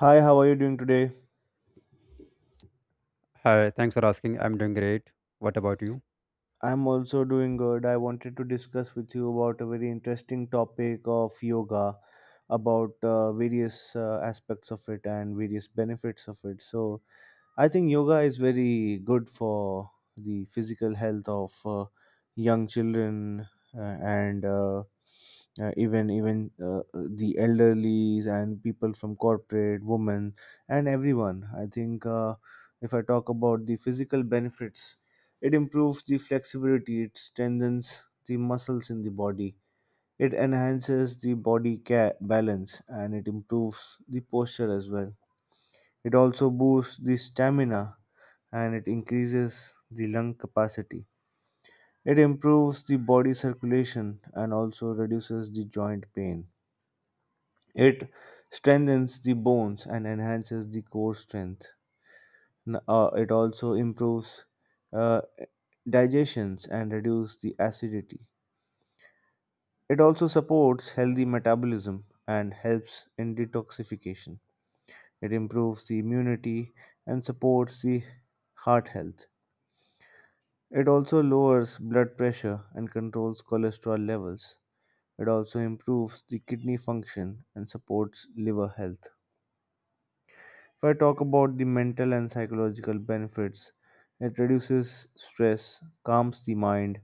Hi, how are you doing today? Hi, thanks for asking. I'm doing great. What about you? I'm also doing good. I wanted to discuss with you about a very interesting topic of yoga, about various aspects of it and various benefits of it. So, I think yoga is very good for the physical health of young children and even even the elderly and people from corporate, women, and everyone. I think if I talk about the physical benefits, it improves the flexibility, it strengthens the muscles in the body, it enhances the balance, and it improves the posture as well. It also boosts the stamina and it increases the lung capacity. It improves the body circulation and also reduces the joint pain. It strengthens the bones and enhances the core strength. It also improves uh, digestions and reduces the acidity. It also supports healthy metabolism and helps in detoxification. It improves the immunity and supports the heart health. It also lowers blood pressure and controls cholesterol levels. It also improves the kidney function and supports liver health. If I talk about the mental and psychological benefits, it reduces stress, calms the mind,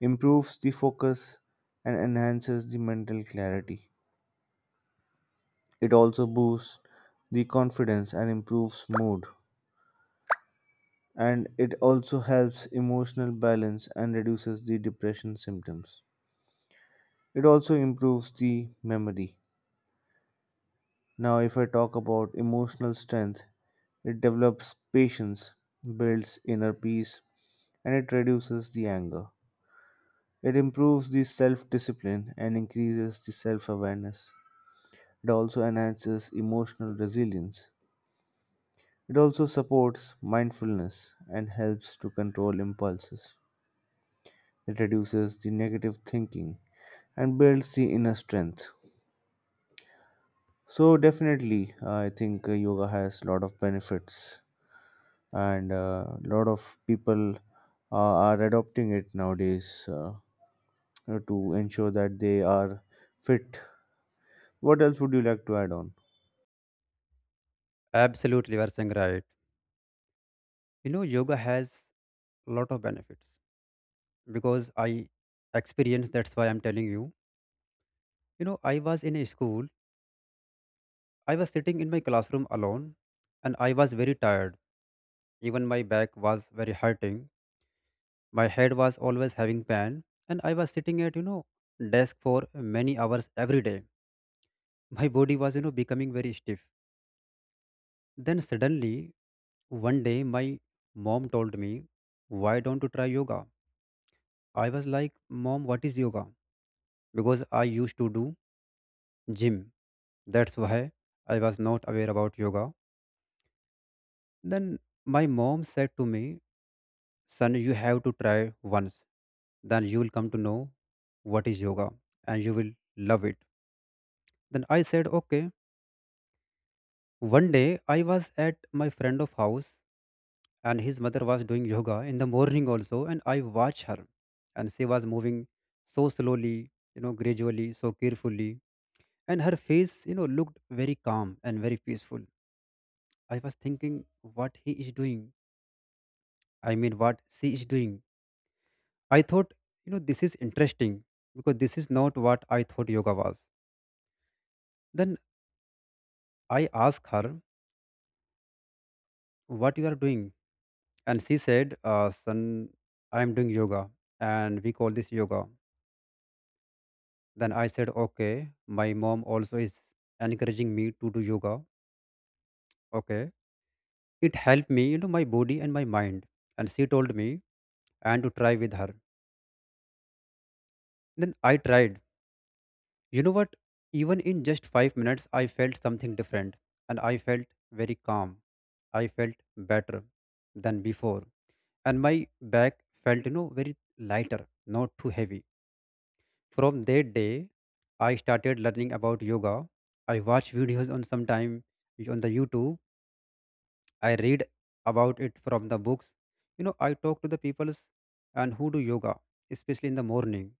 improves the focus, and enhances the mental clarity. It also boosts the confidence and improves mood. And it also helps emotional balance and reduces the depression symptoms. It also improves the memory. Now, if I talk about emotional strength, it develops patience, builds inner peace, and it reduces the anger. It improves the self discipline and increases the self awareness. It also enhances emotional resilience. It also supports mindfulness and helps to control impulses. It reduces the negative thinking and builds the inner strength. So definitely, I think yoga has a lot of benefits, and a lot of people are adopting it nowadays to ensure that they are fit. What else would you like to add on? Absolutely, you are saying right. Yoga has lot of benefits because I experienced, that's why I'm telling you. I was in a school, I was sitting in my classroom alone and I was very tired. Even my back was very hurting. My head was always having pain and I was sitting at, desk for many hours every day. My body was, becoming very stiff. Then suddenly, one day, my mom told me, "Why don't you try yoga?" I was like, "Mom, what is yoga?" Because I used to do gym. That's why I was not aware about yoga. Then my mom said to me, "Son, you have to try once. Then you will come to know what is yoga and you will love it." Then I said, "Okay." One day I was at my friend of house and his mother was doing yoga in the morning also, and I watched her, and she was moving so slowly, gradually, so carefully, and her face, looked very calm and very peaceful. I was thinking what he is doing. I mean what she is doing. I thought, this is interesting because this is not what I thought yoga was. Then I asked her what you are doing. And she said, son, I'm doing yoga and we call this yoga. Then I said, okay, my mom also is encouraging me to do yoga. Okay. It helped me, my body and my mind. And she told me and to try with her. Then I tried. You know what? Even in just 5 minutes, I felt something different and I felt very calm. I felt better than before. And my back felt, very lighter, not too heavy. From that day, I started learning about yoga. I watch videos on sometime on the YouTube. I read about it from the books. I talk to the peoples and who do yoga, especially in the morning.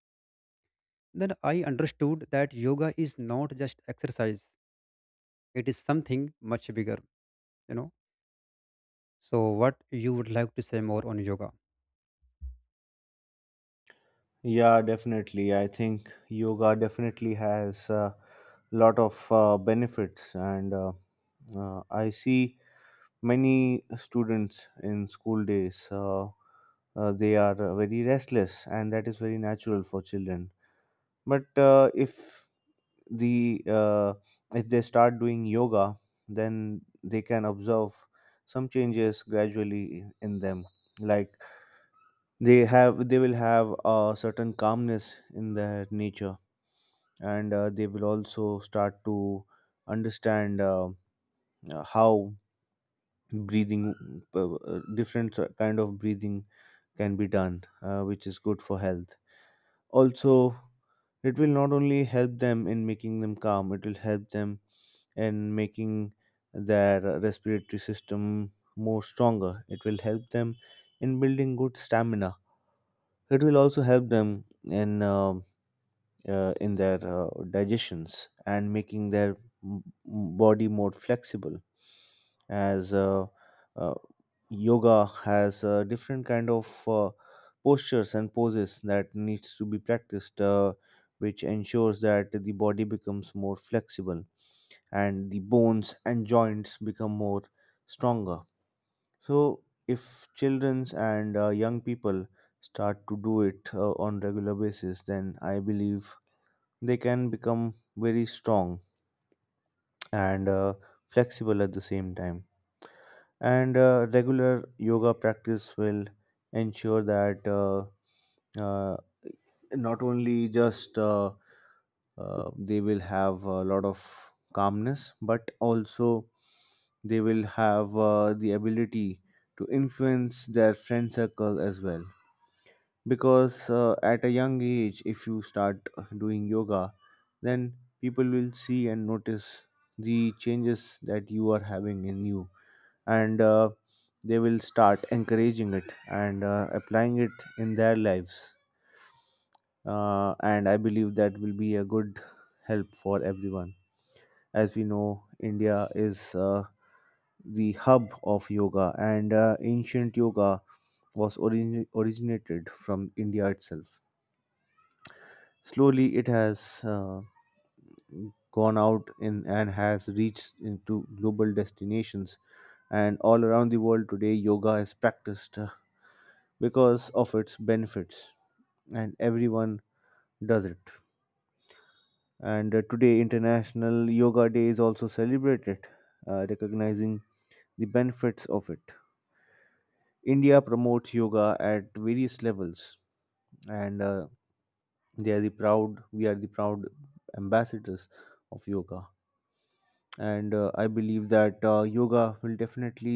Then I understood that yoga is not just exercise. It is something much bigger, you know. So what you would like to say more on yoga? Yeah, definitely. I think yoga definitely has a lot of benefits, and I see many students in school days. They are very restless, and that is very natural for children. But the uh, if they start doing yoga, then they can observe some changes gradually in them, like they will have a certain calmness in their nature, and they will also start to understand how breathing, kind of breathing, can be done, which is good for health. Also, it will not only help them in making them calm, it will help them and making their respiratory system more stronger. It will help them in building good stamina. It will also help them in uh, in their digestions and making their m- m- body more flexible. As uh, yoga has different kind of postures and poses that needs to be practiced, which ensures that the body becomes more flexible and the bones and joints become more stronger. So if children's and young people start to do it on regular basis, then I believe they can become very strong and flexible at the same time. And regular yoga practice will ensure that uh, not only just they will have a lot of calmness, but also they will have the ability to influence their friend circle as well, because at a young age, if you start doing yoga, then people will see and notice the changes that you are having in you, and they will start encouraging it and applying it in their lives, and I believe that will be a good help for everyone. As we know, India is the hub of yoga, and ancient yoga was originated from India itself. Slowly, it has gone out in, and has reached into global destinations, and all around the world today, yoga is practiced because of its benefits, and everyone does it. And today International Yoga Day is also celebrated, recognizing the benefits of it. India promotes yoga at various levels, and they are the proud we are the proud ambassadors of yoga. And I believe that yoga will definitely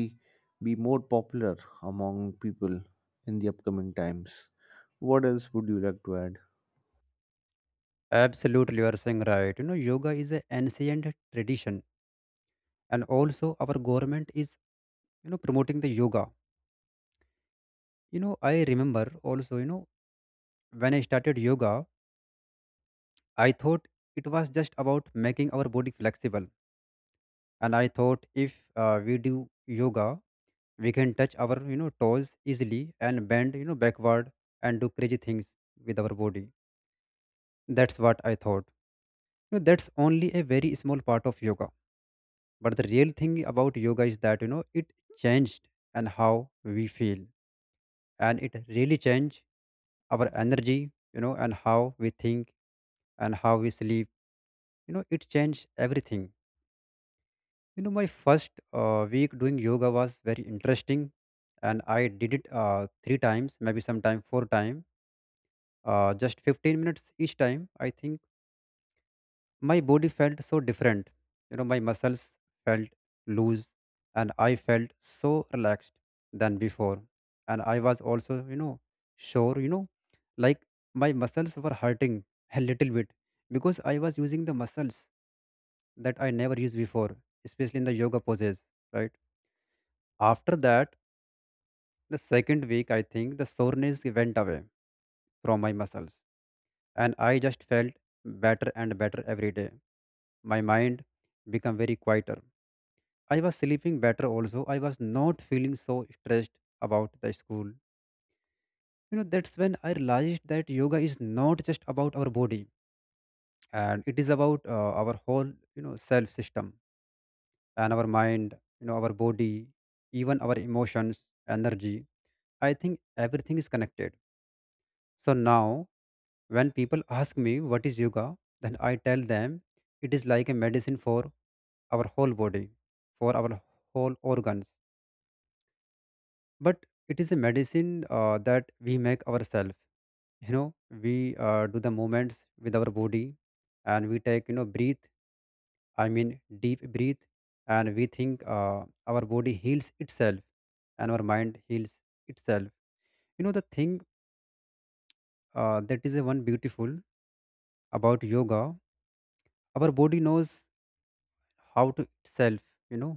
be more popular among people in the upcoming times. What else would you like to add? Absolutely, you are saying right. Yoga is an ancient tradition and also our government is, promoting the yoga. I remember also, when I started yoga, I thought it was just about making our body flexible. And I thought if we do yoga, we can touch our, toes easily and bend, backward and do crazy things with our body. That's what I thought. That's only a very small part of yoga. But the real thing about yoga is that, it changed and how we feel. And it really changed our energy, and how we think and how we sleep. It changed everything. My first week doing yoga was very interesting, and I did it three times, maybe sometime four times, just 15 minutes each time. I think my body felt so different. My muscles felt loose and I felt so relaxed than before. And I was also sure, like, my muscles were hurting a little bit because I was using the muscles that I never used before, especially in the yoga poses, right? After that, the second week, I think the soreness went away from my muscles and I just felt better and better every day. My mind became very quieter. I was sleeping better also. I was not feeling so stressed about the school. That's when I realized that yoga is not just about our body and it is about our whole, self system and our mind. Our body, even our emotions, energy, I think everything is connected. So now when people ask me what is yoga, then I tell them it is like a medicine for our whole body, for our whole organs. But it is a medicine that we make ourselves. you know we do the movements with our body and we take, breathe. I mean, deep breathe. And we think our body heals itself and our mind heals itself. The thing that is a one beautiful about yoga, our body knows how to itself, you know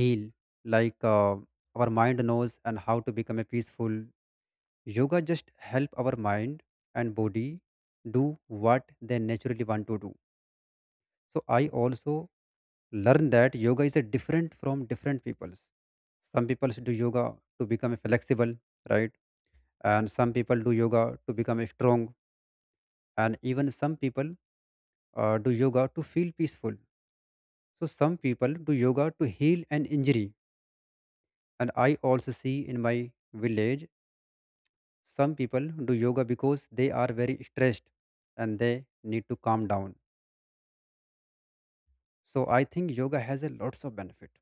heal. Like, our mind knows and how to become a peaceful. Yoga just help our mind and body do what they naturally want to do. So I also learned that yoga is a different from different peoples. Some people do yoga to become flexible, right? And some people do yoga to become strong. And even some people do yoga to feel peaceful. So some people do yoga to heal an injury. And I also see in my village, some people do yoga because they are very stressed and they need to calm down. So I think yoga has a lots of benefit.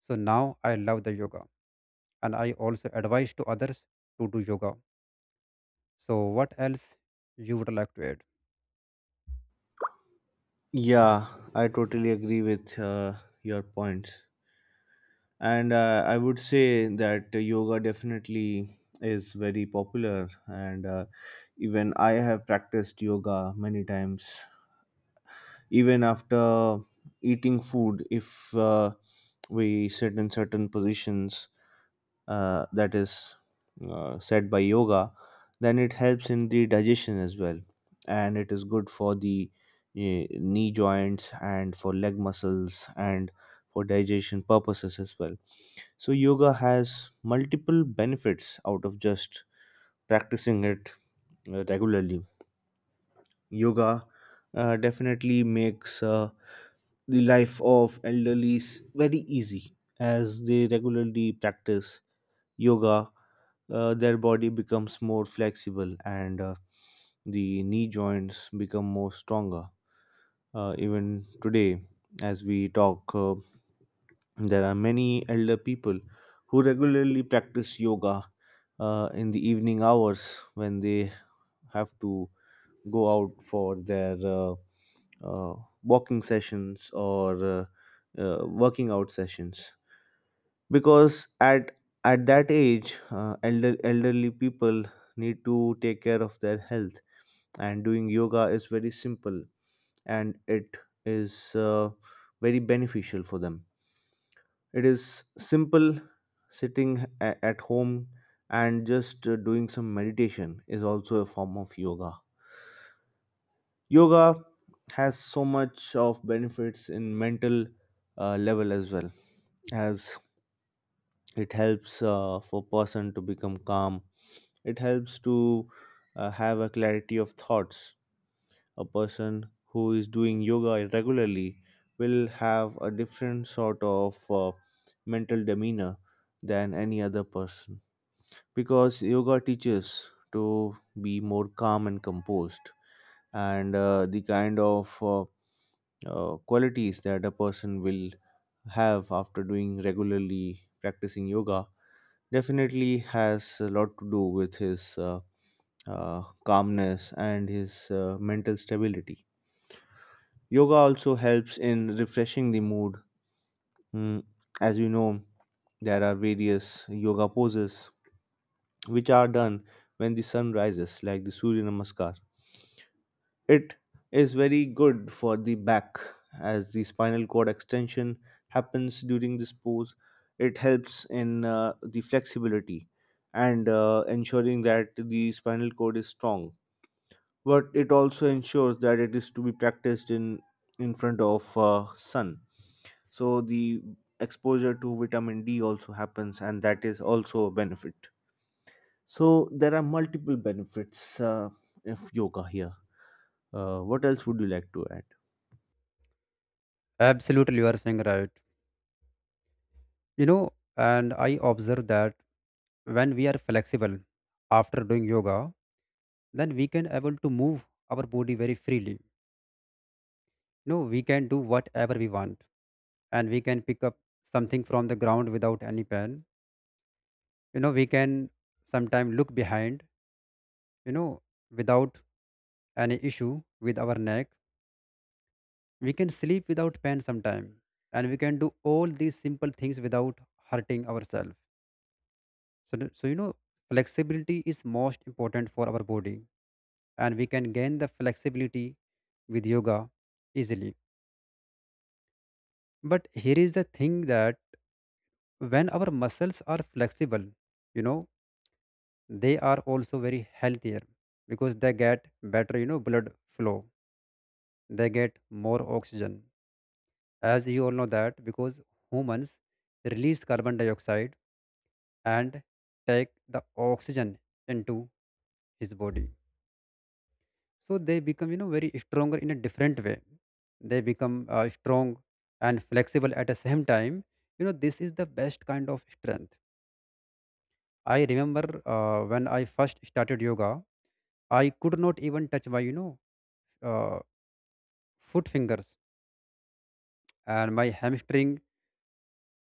So now I love the yoga and I also advise to others to do yoga. So what else you would like to add? Yeah, I totally agree with your points, and I would say that yoga definitely is very popular, and even I have practiced yoga many times. Even after eating food, if we sit in certain positions that is set by yoga, then it helps in the digestion as well, and it is good for the knee joints and for leg muscles and for digestion purposes as well. So yoga has multiple benefits out of just practicing it regularly. Yoga definitely makes the life of elderlies very easy as they regularly practice yoga. Their body becomes more flexible, and the knee joints become more stronger. Even today, as we talk, there are many elder people who regularly practice yoga in the evening hours, when they have to go out for their uh, walking sessions or working out sessions. Because at that age, elderly people need to take care of their health, and doing yoga is very simple, and it is very beneficial for them. It is simple sitting at home, and just doing some meditation is also a form of yoga. Yoga has so much of benefits in mental level as well, as it helps for person to become calm. It helps to have a clarity of thoughts. A person who is doing yoga regularly will have a different sort of mental demeanor than any other person, because yoga teaches to be more calm and composed. And the kind of qualities that a person will have after doing regularly practicing yoga definitely has a lot to do with his calmness and his mental stability. Yoga also helps in refreshing the mood. Mm, as you know, there are various yoga poses which are done when the sun rises, like the Surya Namaskar. It is very good for the back, as the spinal cord extension happens during this pose. It helps in the flexibility and ensuring that the spinal cord is strong. But it also ensures that it is to be practiced in front of sun. So the exposure to vitamin D also happens, and that is also a benefit. So there are multiple benefits of yoga here. What else would you like to add? Absolutely you are saying right. And I observe that when we are flexible after doing yoga, then we can able to move our body very freely. No, we can do whatever we want, and we can pick up something from the ground without any pain. We can sometime look behind, you know, without any issue with our neck. We can sleep without pain sometime and we can do all these simple things without hurting ourselves. So flexibility is most important for our body and we can gain the flexibility with yoga easily. But here is the thing that when our muscles are flexible you know they are also very healthier because they get better, blood flow. They get more oxygen, as you all know that, because humans release carbon dioxide and take the oxygen into his body. So they become, very stronger in a different way. They become strong and flexible at the same time. This is the best kind of strength. I remember when I first started yoga, I could not even touch my, uh, foot fingers, and my hamstring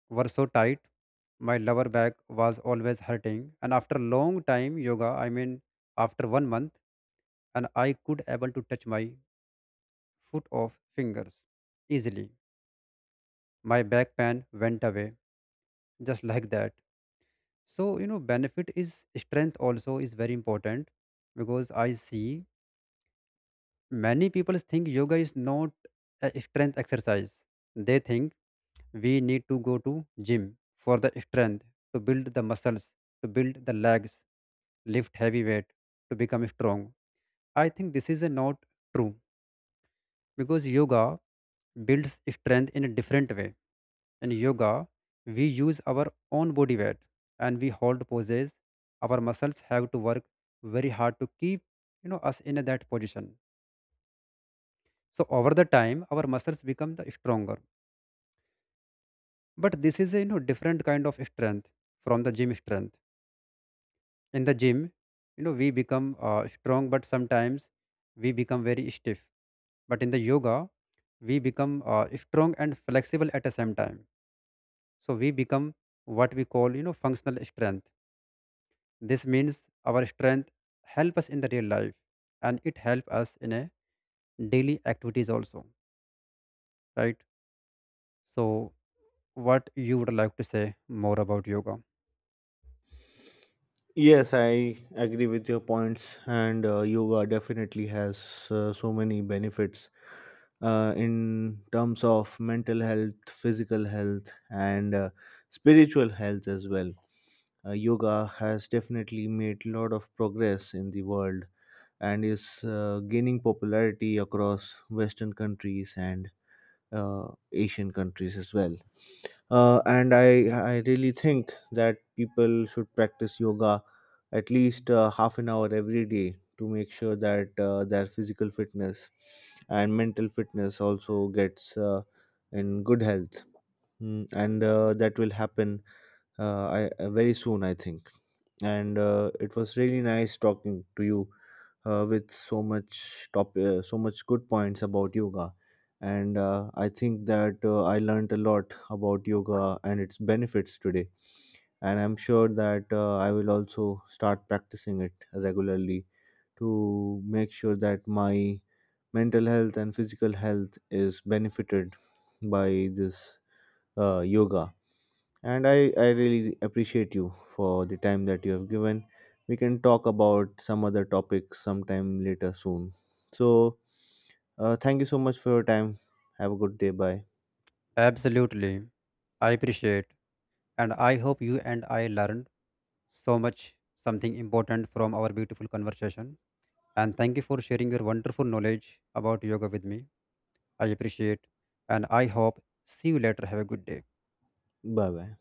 were so tight. My lower back was always hurting, and after long time yoga, I mean after 1 month, and I could able to touch my foot of fingers easily. My back pain went away just like that. So benefit is strength also is very important because I see many people think yoga is not a strength exercise. They think we need to go to gym for the strength, to build the muscles, to build the legs, lift heavy weight to become strong. I think this is a not true because yoga builds strength in a different way. In yoga, we use our own body weight and we hold poses. Our muscles have to work very hard to keep us in that position. So over the time, our muscles become the stronger. But this is a different kind of strength from the gym strength. In the gym, we become strong but sometimes we become very stiff. But in the yoga, we become strong and flexible at the same time. So we become what we call, functional strength. This means our strength help us in the real life, and it help us in a daily activities also, right? So what you would like to say more about yoga? Yes, I agree with your points, and yoga definitely has so many benefits in terms of mental health, physical health, and spiritual health as well. Yoga has definitely made a lot of progress in the world and is gaining popularity across Western countries and Asian countries as well. And I really think that people should practice yoga at least half an hour every day to make sure that their physical fitness and mental fitness also gets in good health. Mm, and that will happen very soon, I think. And it was really nice talking to you with so much good points about yoga. And I think that I learned a lot about yoga and its benefits today, and I'm sure that I will also start practicing it regularly to make sure that my mental health and physical health is benefited by this yoga. And I really appreciate you for the time that you have given. We can talk about some other topics sometime later soon. So, thank you so much for your time. Have a good day. Bye. Absolutely, I appreciate, and I hope you and I learned so much something important from our beautiful conversation. And thank you for sharing your wonderful knowledge about yoga with me. I appreciate and I hope see you later. Have a good day. Bye bye.